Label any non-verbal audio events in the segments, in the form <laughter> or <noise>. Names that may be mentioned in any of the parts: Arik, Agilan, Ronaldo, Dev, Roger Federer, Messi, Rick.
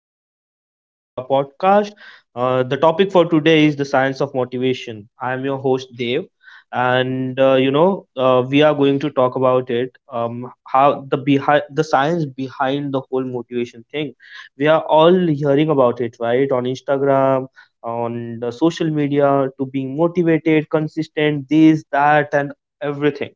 morning and welcome to our podcast. The topic for today is the science of motivation. I am your host Dev, and we are going to talk about it. How the science behind the whole motivation thing. We are all hearing about it, right? On Instagram, on the social media, to being motivated, consistent, this, that, and everything.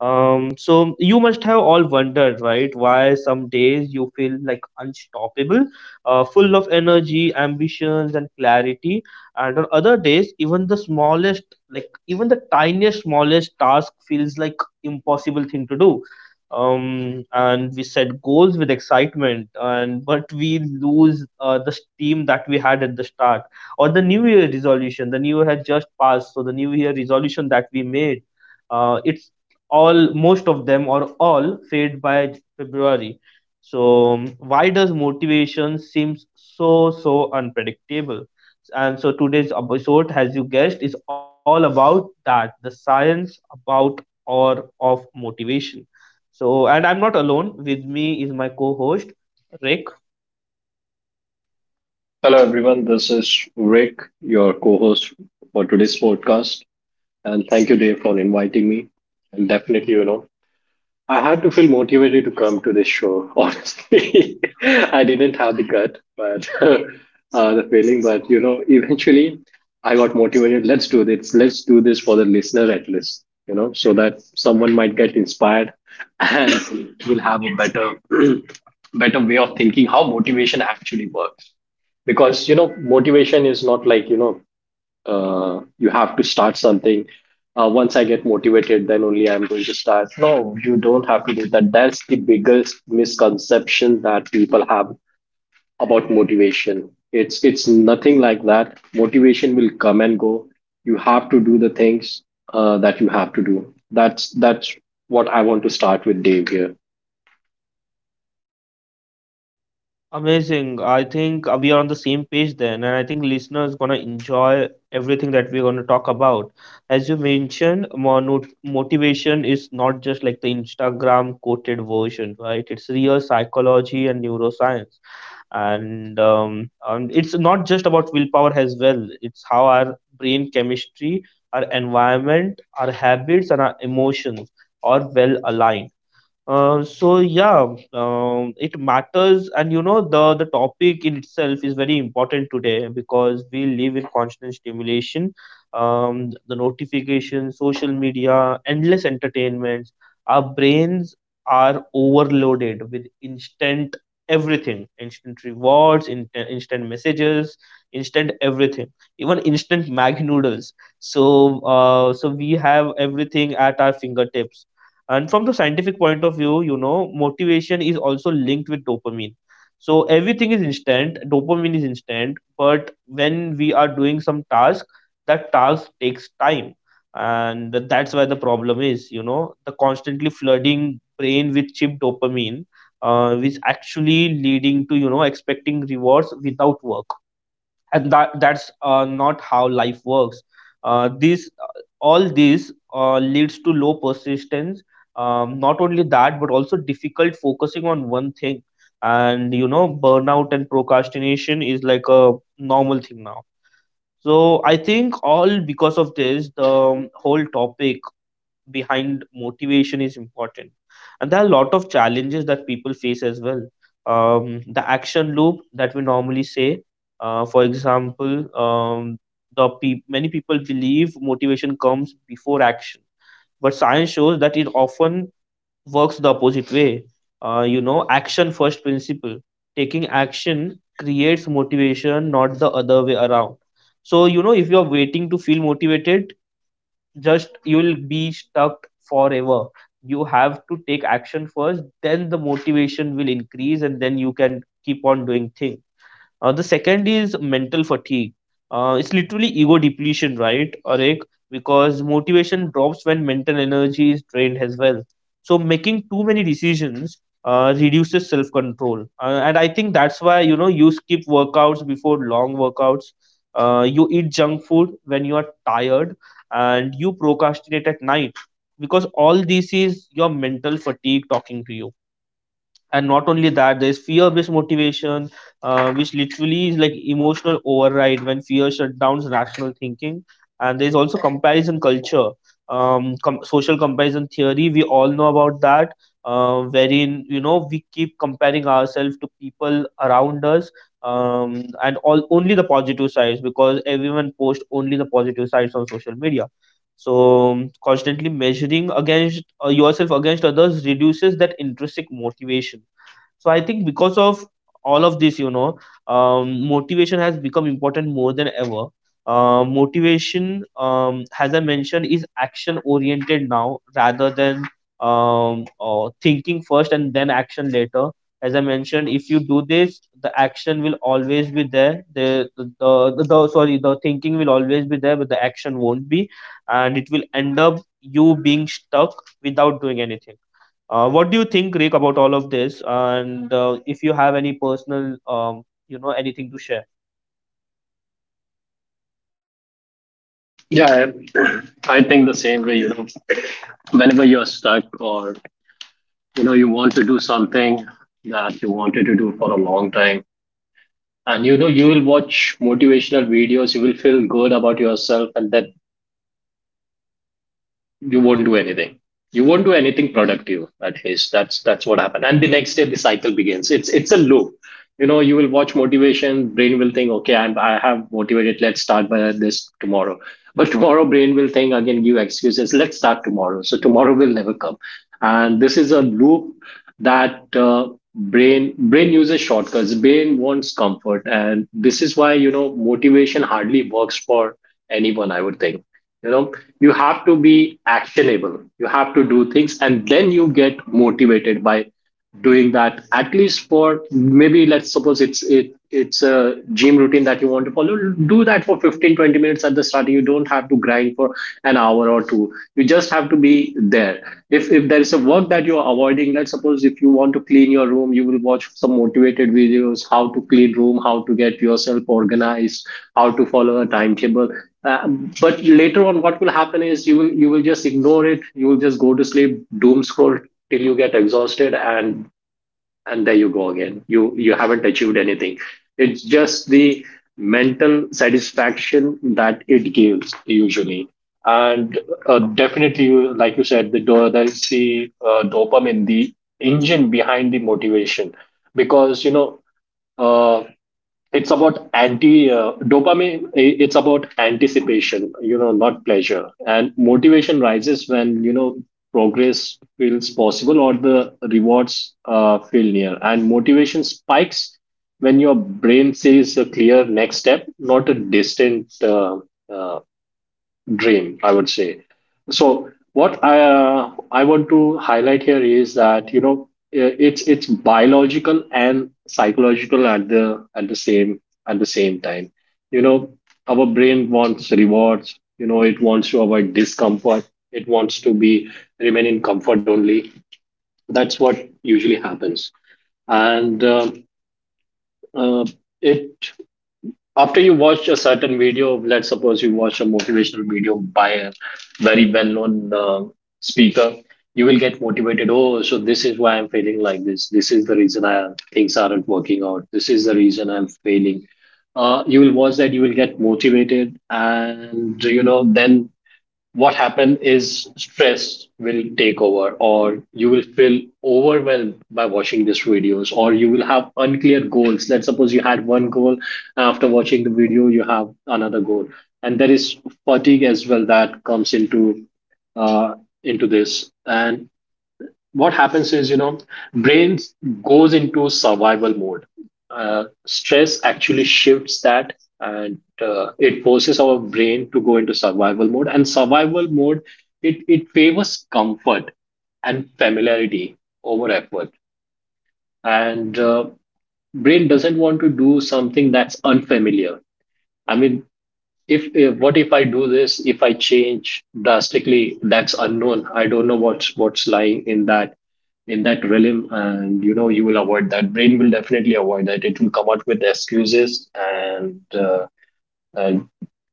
So you must have all wondered, right, why some days you feel like unstoppable, full of energy, ambitions, and clarity, and on other days, even the tiniest, smallest task feels like impossible thing to do. And we set goals with excitement, and but we lose the steam that we had at the start, or the New Year resolution. The New Year had just passed, so the New Year resolution that we made it all, most of them or all, fade by February. So why does motivation seems so unpredictable? And so today's episode, as you guessed, is all about that, the science about or of motivation. So and I'm not alone. With me is my co-host Rick. Hello, everyone. This is Rick, your co host for today's podcast. And thank you, Dave, for inviting me. And definitely, I had to feel motivated to come to this show, <laughs> honestly. I didn't have the gut, but <laughs> the feeling, but eventually I got motivated. Let's do this. Let's do this for the listener at least, so that someone might get inspired and will have a better, <clears throat> better way of thinking how motivation actually works because you know motivation is not like you have to start something. Uh, once I get motivated, then only I'm going to start. No, you don't have to do that. That's the biggest misconception that people have about motivation. It's nothing like that. Motivation will come and go. You have to do the things that you have to do. That's what I want to start with, Dave, here. Amazing. I think we are on the same page then, and I think listeners gonna enjoy everything that we're gonna talk about. As you mentioned, motivation is not just like the Instagram quoted version, right? It's real psychology and neuroscience, and it's not just about willpower as well. It's how our brain chemistry, our environment, our habits, and our emotions are well aligned. So yeah, it matters, and you know the topic in itself is very important today because we live in constant stimulation. The notifications, social media, endless entertainments. Our brains are overloaded with instant everything, instant rewards, instant messages, instant everything, even instant mag noodles. So, so we have everything at our fingertips, and from the scientific point of view, you know, motivation is also linked with dopamine. So everything is instant, dopamine is instant, but when we are doing some task, that task takes time. And that's where the problem is, you know, the constantly flooding brain with cheap dopamine, which actually leading to, you know, expecting rewards without work, and that's not how life works. Uh, these uh, all these uh, leads to low persistence. Not only that, but also difficult focusing on one thing, and you know, burnout and procrastination is like a normal thing now. So I think all because of this, the whole topic behind motivation is important, and there are a lot of challenges that people face as well. The action loop that we normally say. For example, many people believe motivation comes before action, but science shows that it often works the opposite way. You know, action first principle, taking action creates motivation, not the other way around. So you know, if you are waiting to feel motivated, just you will be stuck forever. You have to take action first, then the motivation will increase, and then you can keep on doing things. The second is mental fatigue. It's literally ego depletion, right, Arik? Because motivation drops when mental energy is drained as well. So making too many decisions reduces self-control, and I think that's why you know you skip workouts before long workouts. You eat junk food when you are tired, and you procrastinate at night, because all this is your mental fatigue talking to you. And not only that, there's fear-based motivation, which literally is like emotional override when fear shuts down rational thinking. And there's also comparison culture. Social comparison theory, we all know about that, wherein you know we keep comparing ourselves to people around us, and all only the positive sides because everyone posts only the positive sides on social media. So constantly measuring against yourself against others reduces that intrinsic motivation. So I think because of all of this, you know, motivation has become important more than ever. Motivation, as I mentioned, is action oriented now, rather than thinking first and then action later. As I mentioned, if you do this, the action will always be there the sorry the thinking will always be there, but the action won't be, and it will end up you being stuck without doing anything. What do you think, Rick, about all of this? And if you have any personal, anything to share? Yeah, I <clears throat> I think the same way. You know, whenever you're stuck, or you know you want to do something that you wanted to do for a long time, and you know you will watch motivational videos, you will feel good about yourself, and then you won't do anything. You won't do anything productive, at least. That's what happened, and the next day the cycle begins. It's a loop. You know, you will watch motivation, brain will think, okay, I have motivated, let's start by this tomorrow. But tomorrow, brain will think again, give excuses, let's start tomorrow, so tomorrow will never come. And this is a loop that brain uses shortcuts. Brain wants comfort, and this is why you know motivation hardly works for anyone, I would think. You know, you have to be actionable. You have to do things, and then you get motivated by doing that. At least for maybe, let's suppose, it's a gym routine that you want to follow. Do that for 15-20 minutes at the start. You don't have to grind for an hour or two, you just have to be there. If there is a work that you're avoiding, let's suppose, if you want to clean your room, you will watch some motivated videos, how to clean room, how to get yourself organized, how to follow a timetable. uh, but later on, what will happen is you will just ignore it. You will just go to sleep, doom scroll till you get exhausted, and there you go again, you haven't achieved anything. It's just the mental satisfaction that it gives, usually. And definitely, like you said, there's the dopamine, the engine behind the motivation. Because you know, uh, it's about anti dopamine. It's about anticipation, you know, not pleasure. And motivation rises when, you know, progress feels possible, or the rewards feel near. And motivation spikes when your brain sees a clear next step, not a distant uh, uh, dream, I would say. So what I want to highlight here is that, you know, it's biological and psychological at the at the same at the same time. You know, our brain wants rewards. You know, it wants to avoid discomfort. It wants to be remain in comfort only. That's what usually happens. And uh, it, after you watch a certain video, let's suppose you watch a motivational video by a very well known speaker, you will get motivated. Oh, so this is why I'm feeling like this. This is the reason I things aren't working out. This is the reason I'm failing. You will watch that, you will get motivated, and you know, then what happen is stress will take over, or you will feel overwhelmed by watching these videos, or you will have unclear goals. Let's suppose you had one goal, and after watching the video you have another goal. And there is fatigue as well that comes into uh, this. And what happens is, you know, brain goes into survival mode. Stress actually shifts that, and it forces our brain to go into survival mode. And survival mode, it favors comfort and familiarity over effort. And brain doesn't want to do something that's unfamiliar. I mean, if what, if I do this, if I change drastically, that's unknown. I don't know what's lying in that realm. And you know you will avoid that. Brain will definitely avoid that. It will come out with excuses, and and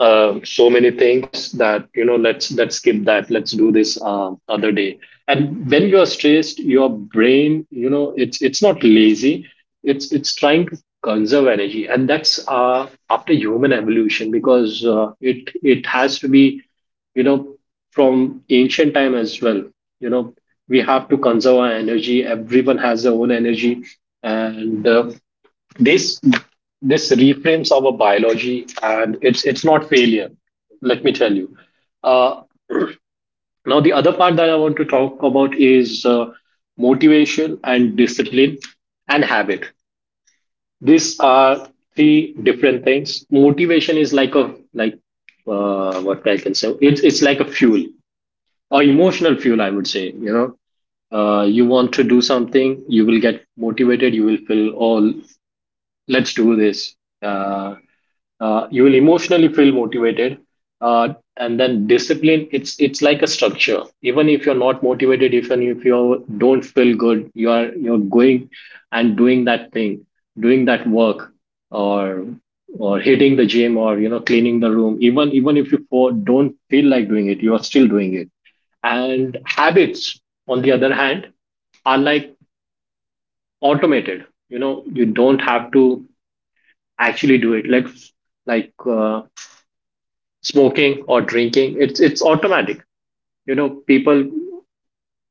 so many things that, you know, let's skip that, let's do this other day. And when you are stressed, your brain, you know, it's not lazy. It's trying to conserve energy. And that's, after human evolution, because it has to be, you know, from ancient time as well. You know, we have to conserve our energy. Everyone has their own energy. And this reframes our biology, and it's not failure, let me tell you. uh, Now the other part that I want to talk about is motivation and discipline and habit. These are three different things. Motivation is like, what I can say, it's like a fuel, or emotional fuel, I would say, you know. You want to do something, you will get motivated, you will feel, oh, let's do this. Uh, you will emotionally feel motivated. uh, and then discipline, it's like a structure. Even if you're not motivated, even if you don't feel good, you're going and doing that thing, doing that work, or or hitting the gym, or you know, cleaning the room. Even if you don't feel like doing it, you are still doing it. And habits, on the other hand, are like automated. You know, you don't have to actually do it. Like smoking or drinking, it's automatic. You know, people,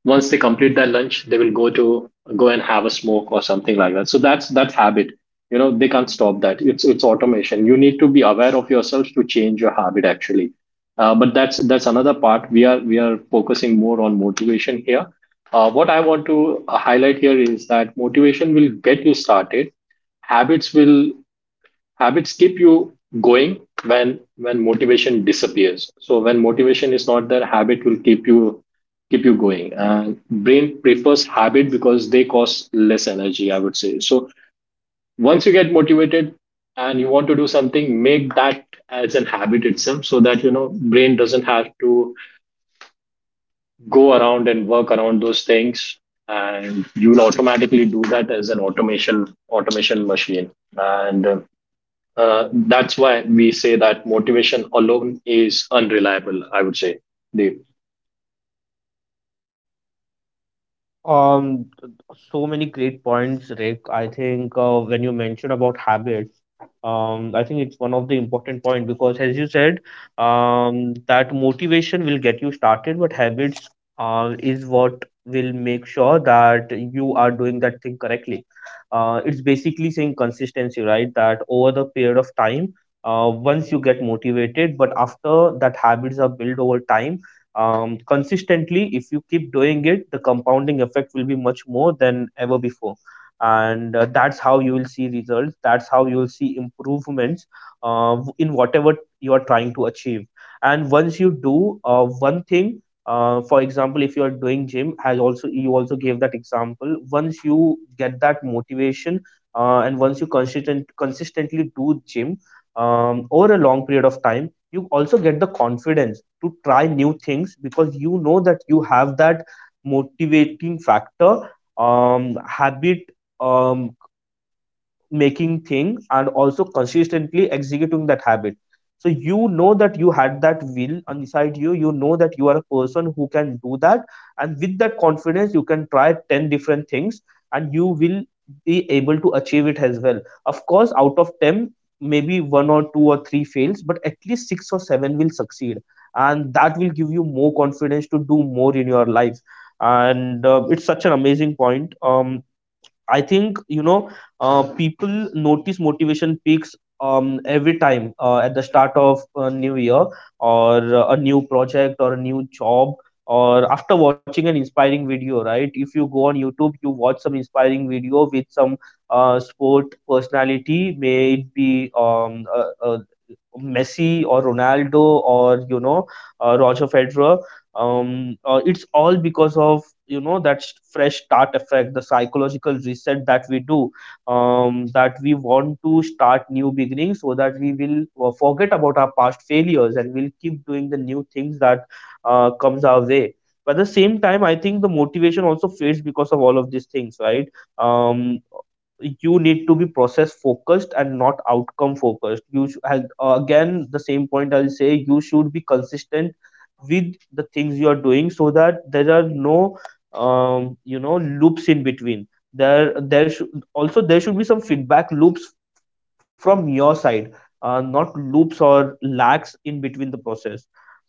once they complete their lunch, they will go and have a smoke or something like that. So that's that habit. You know, they can't stop that. It's automation. You need to be aware of yourself to change your habit, actually. But that's another part. We are focusing more on motivation here. What I want to highlight here is that motivation will get you started. habits will Habits keep you going. When motivation disappears, so when motivation is not there, habit will keep you going. And brain prefers habit because they cost less energy, I would say. So once you get motivated and you want to do something, make that as an habit itself, so that, you know, brain doesn't have to go around and work around those things. And you'll automatically do that as an automation, automation machine. And that's why we say that motivation alone is unreliable, I would say. Deep. Um, so many great points, Rick. I think when you mentioned about habits, I think it's one of the important point because, as you said, that motivation will get you started, but habits is what will make sure that you are doing that thing correctly. It's basically saying consistency, right? That over the period of time, once you get motivated, but after that habits are built over time. Consistently, if you keep doing it, the compounding effect will be much more than ever before, and that's how you will see results, that's how you will see improvements in whatever you are trying to achieve. And once you do one thing, for example, if you are doing gym, as also you also gave that example, once you get that motivation, and once you consistently do gym over a long period of time, you also get the confidence to try new things because you know that you have that motivating factor, habit um making thing, and also consistently executing that habit. So you know that you had that will inside you, you know that you are a person who can do that. And with that confidence you can try 10 different things, and you will be able to achieve it as well. Of course, out of 10, maybe one or two or three fails, but at least six or seven will succeed, and that will give you more confidence to do more in your life. And it's such an amazing point. I think you know, people notice motivation peaks every time at the start of a new year, or a new project or a new job, or after watching an inspiring video. Right, if you go on YouTube you watch some inspiring video with some sport personality, may it be a Messi or Ronaldo, or you know, Roger Federer. It's all because of you know that fresh start effect, the psychological reset that we do. That we want to start new beginnings so that we will forget about our past failures and we'll keep doing the new things that comes our way. But at the same time, I think the motivation also fades because of all of these things, right? Um, you need to be process focused and not outcome focused. And, again the same point I'll say, you should be consistent with the things you are doing so that there are no loops in between. there there should there should be some feedback loops from your side, not loops or lags in between the process.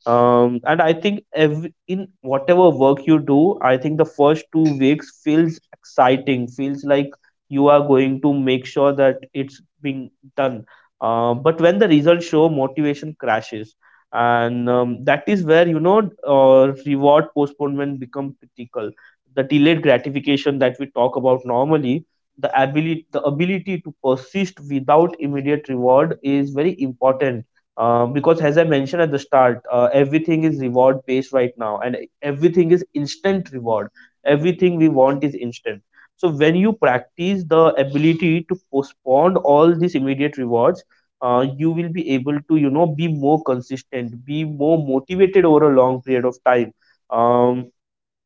And I think every, in whatever work you do, I think the first 2 weeks feels exciting, feels like you are going to make sure that it's being done. But when the results show, motivation crashes, and that is where you know reward postponement become critical, the delayed gratification that we talk about normally. The ability to persist without immediate reward is very important, because as I mentioned at the start, everything is reward based right now, and everything is instant reward, everything we want is instant. So when you practice the ability to postpone all these immediate rewards, you will be able to, you know, be more consistent, be more motivated over a long period of time. um,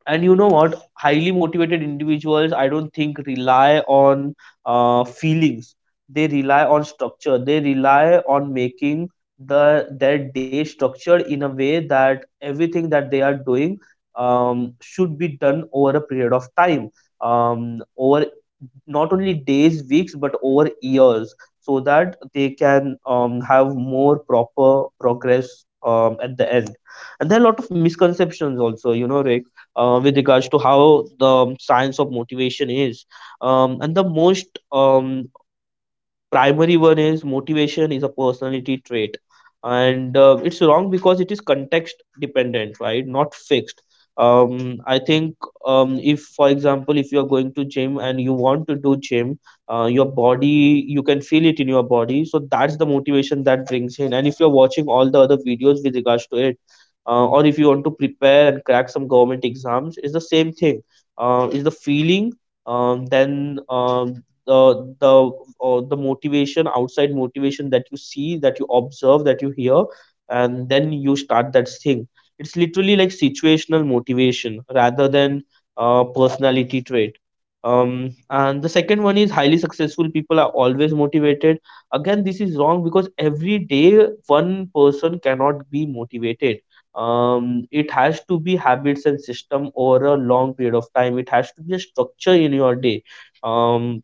and you know what, highly motivated individuals, I don't think, rely on feelings. They rely on structure, they rely on making the their day structured in a way that everything that they are doing should be done over a period of time, over not only days, weeks, but over years, so that they can have more proper progress at the end. And there are a lot of misconceptions also, you know, Rick, with regards to how the science of motivation is. And the most primary one is motivation is a personality trait, and it's wrong because it is context dependent, right, not fixed. I think, if, for example, if you are going to gym and you want to do Gym. Your body, you can feel it in your body, so that's the motivation that brings in. And if you're watching all the other videos with regards to it, or if you want to prepare and crack some government exams, it's the same thing. Is the feeling. Then the motivation, outside motivation that you see, that you observe, that you hear, and then you start that thing. It's literally like situational motivation rather than personality trait. And the second one is highly successful people are always motivated. Again, this is wrong because every day one person cannot be motivated. It has to be habits and system over a long period of time. It has to be a structure in your day. um,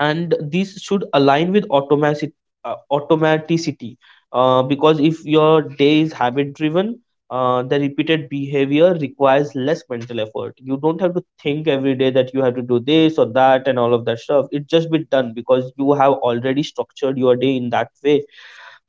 and these should align with automatic automaticity. Because if your day is habit driven, the repeated behavior requires less mental effort. You don't have to think every day that you have to do this or that and all of that stuff. It just be done because you have already structured your day in that way.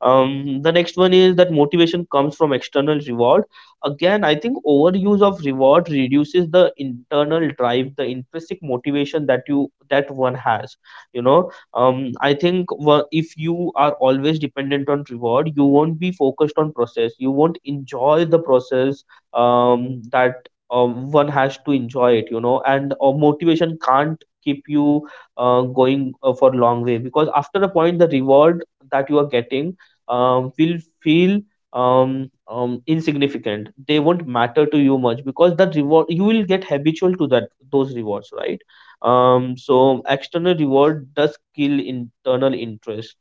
The next one is that motivation comes from external reward. Again, I think overuse of reward reduces the internal drive, the intrinsic motivation that you that one has. I think if you are always dependent on reward, you won't be focused on process. You won't enjoy the process that one has to enjoy it. You know, and motivation can't keep you going for long way, because after a point the reward that you are getting will feel insignificant. They won't matter to you much because that reward, you will get habitual to that, those rewards, right? So external reward does kill internal interest.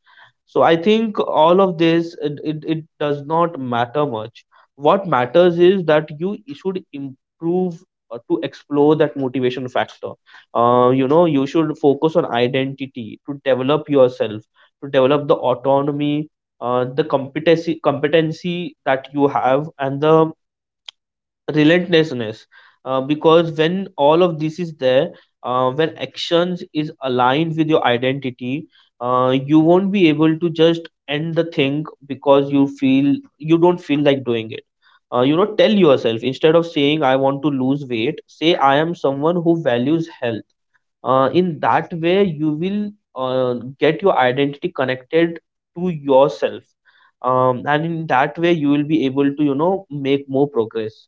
So I think all of this, it does not matter much. What matters is that you should improve to explore that motivation factor. You know, you should focus on identity to develop yourself, to develop the autonomy, the competency that you have, and the relentlessness. Because when all of this is there, when actions is aligned with your identity, you won't be able to just end the thing because you feel, you don't feel like doing it. You know, tell yourself, instead of saying I want to lose weight, say I am someone who values health. In that way, you will get your identity connected to yourself, and in that way you will be able to, you know, make more progress.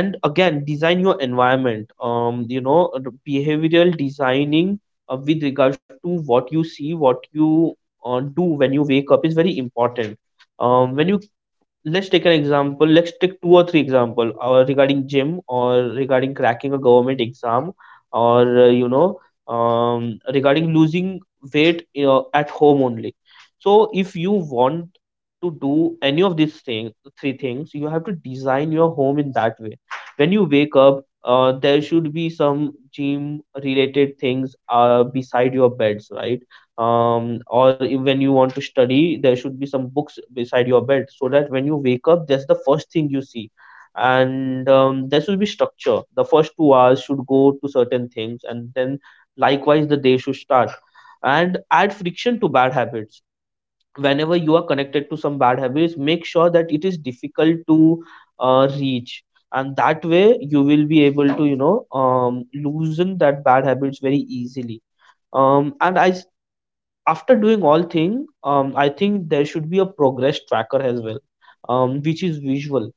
And again, design your environment, you know, the behavioral designing with regards to what you see, what you do when you wake up is very important. When you Let's take an example. Let's take two or three example regarding gym, or regarding cracking a government exam, or you know, regarding losing weight, you know, at home only. So if you want to do any of these things, three things, you have to design your home in that way. When you wake up, there should be some gym related things beside your beds, right? Um, or if, when you want to study, there should be some books beside your bed, so that when you wake up that's the first thing you see. And there should be structure. The first 2 hours should go to certain things, and then likewise the day should start. And add friction to bad habits. Whenever you are connected to some bad habits, make sure that it is difficult to reach, and that way you will be able to, you know, loosen that bad habits very easily. And I After doing all thing, I think there should be a progress tracker as well, which is visual.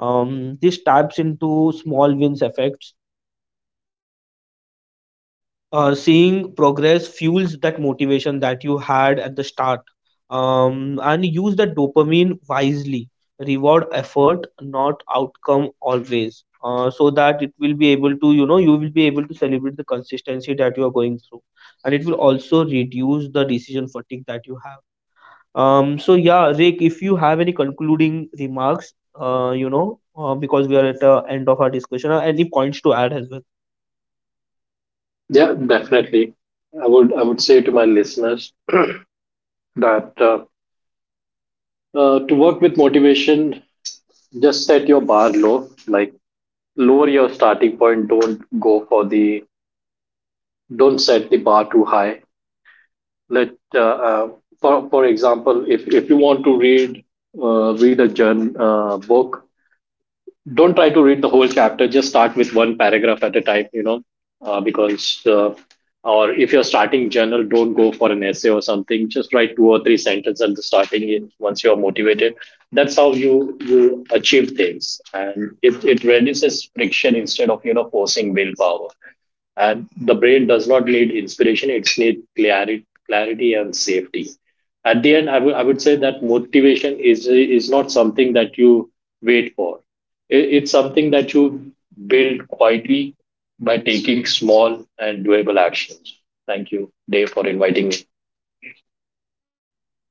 This taps into small wins effects. Seeing progress fuels that motivation that you had at the start. And use that dopamine wisely. Reward effort, not outcome always, so that it will be able to, you know, you will be able to celebrate the consistency that you are going through, and it will also reduce the decision fatigue that you have. So yeah, Rick, if you have any concluding remarks, you know, because we are at the end of our discussion, any points to add as well? Yeah, definitely. I would say to my listeners that to work with motivation, just set your bar low. Like, lower your starting point. Don't set the bar too high. Let uh, for example, if you want to read read a journal book, don't try to read the whole chapter. Just start with one paragraph at a time, you know. Because Or if you're starting journal, don't go for an essay or something. Just write two or three sentences at the starting. Once you're motivated, that's how you achieve things. And it reduces friction instead of, you know, forcing willpower. And the brain does not need inspiration. It needs clarity, clarity and safety. At the end, I would say that motivation is not something that you wait for. It's something that you build quietly by taking small and doable actions. Thank you, Dave, for inviting me.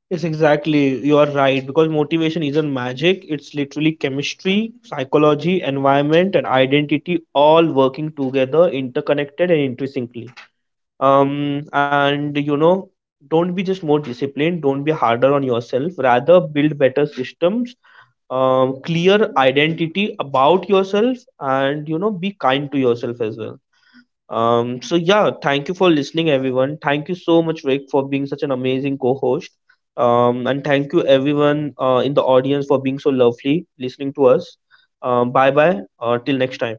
Yes, exactly. You are right, because motivation isn't magic. It's literally chemistry, psychology, environment, and identity all working together, interconnected and intrinsically. And you know, don't be just more disciplined. Don't be harder on yourself. Rather, build better systems, clear identity about yourself, and you know, be kind to yourself as well. So yeah, thank you for listening, everyone. Thank you so much, Rick, for being such an amazing co-host, and thank you everyone, in the audience, for being so lovely listening to us. Bye bye, till next time.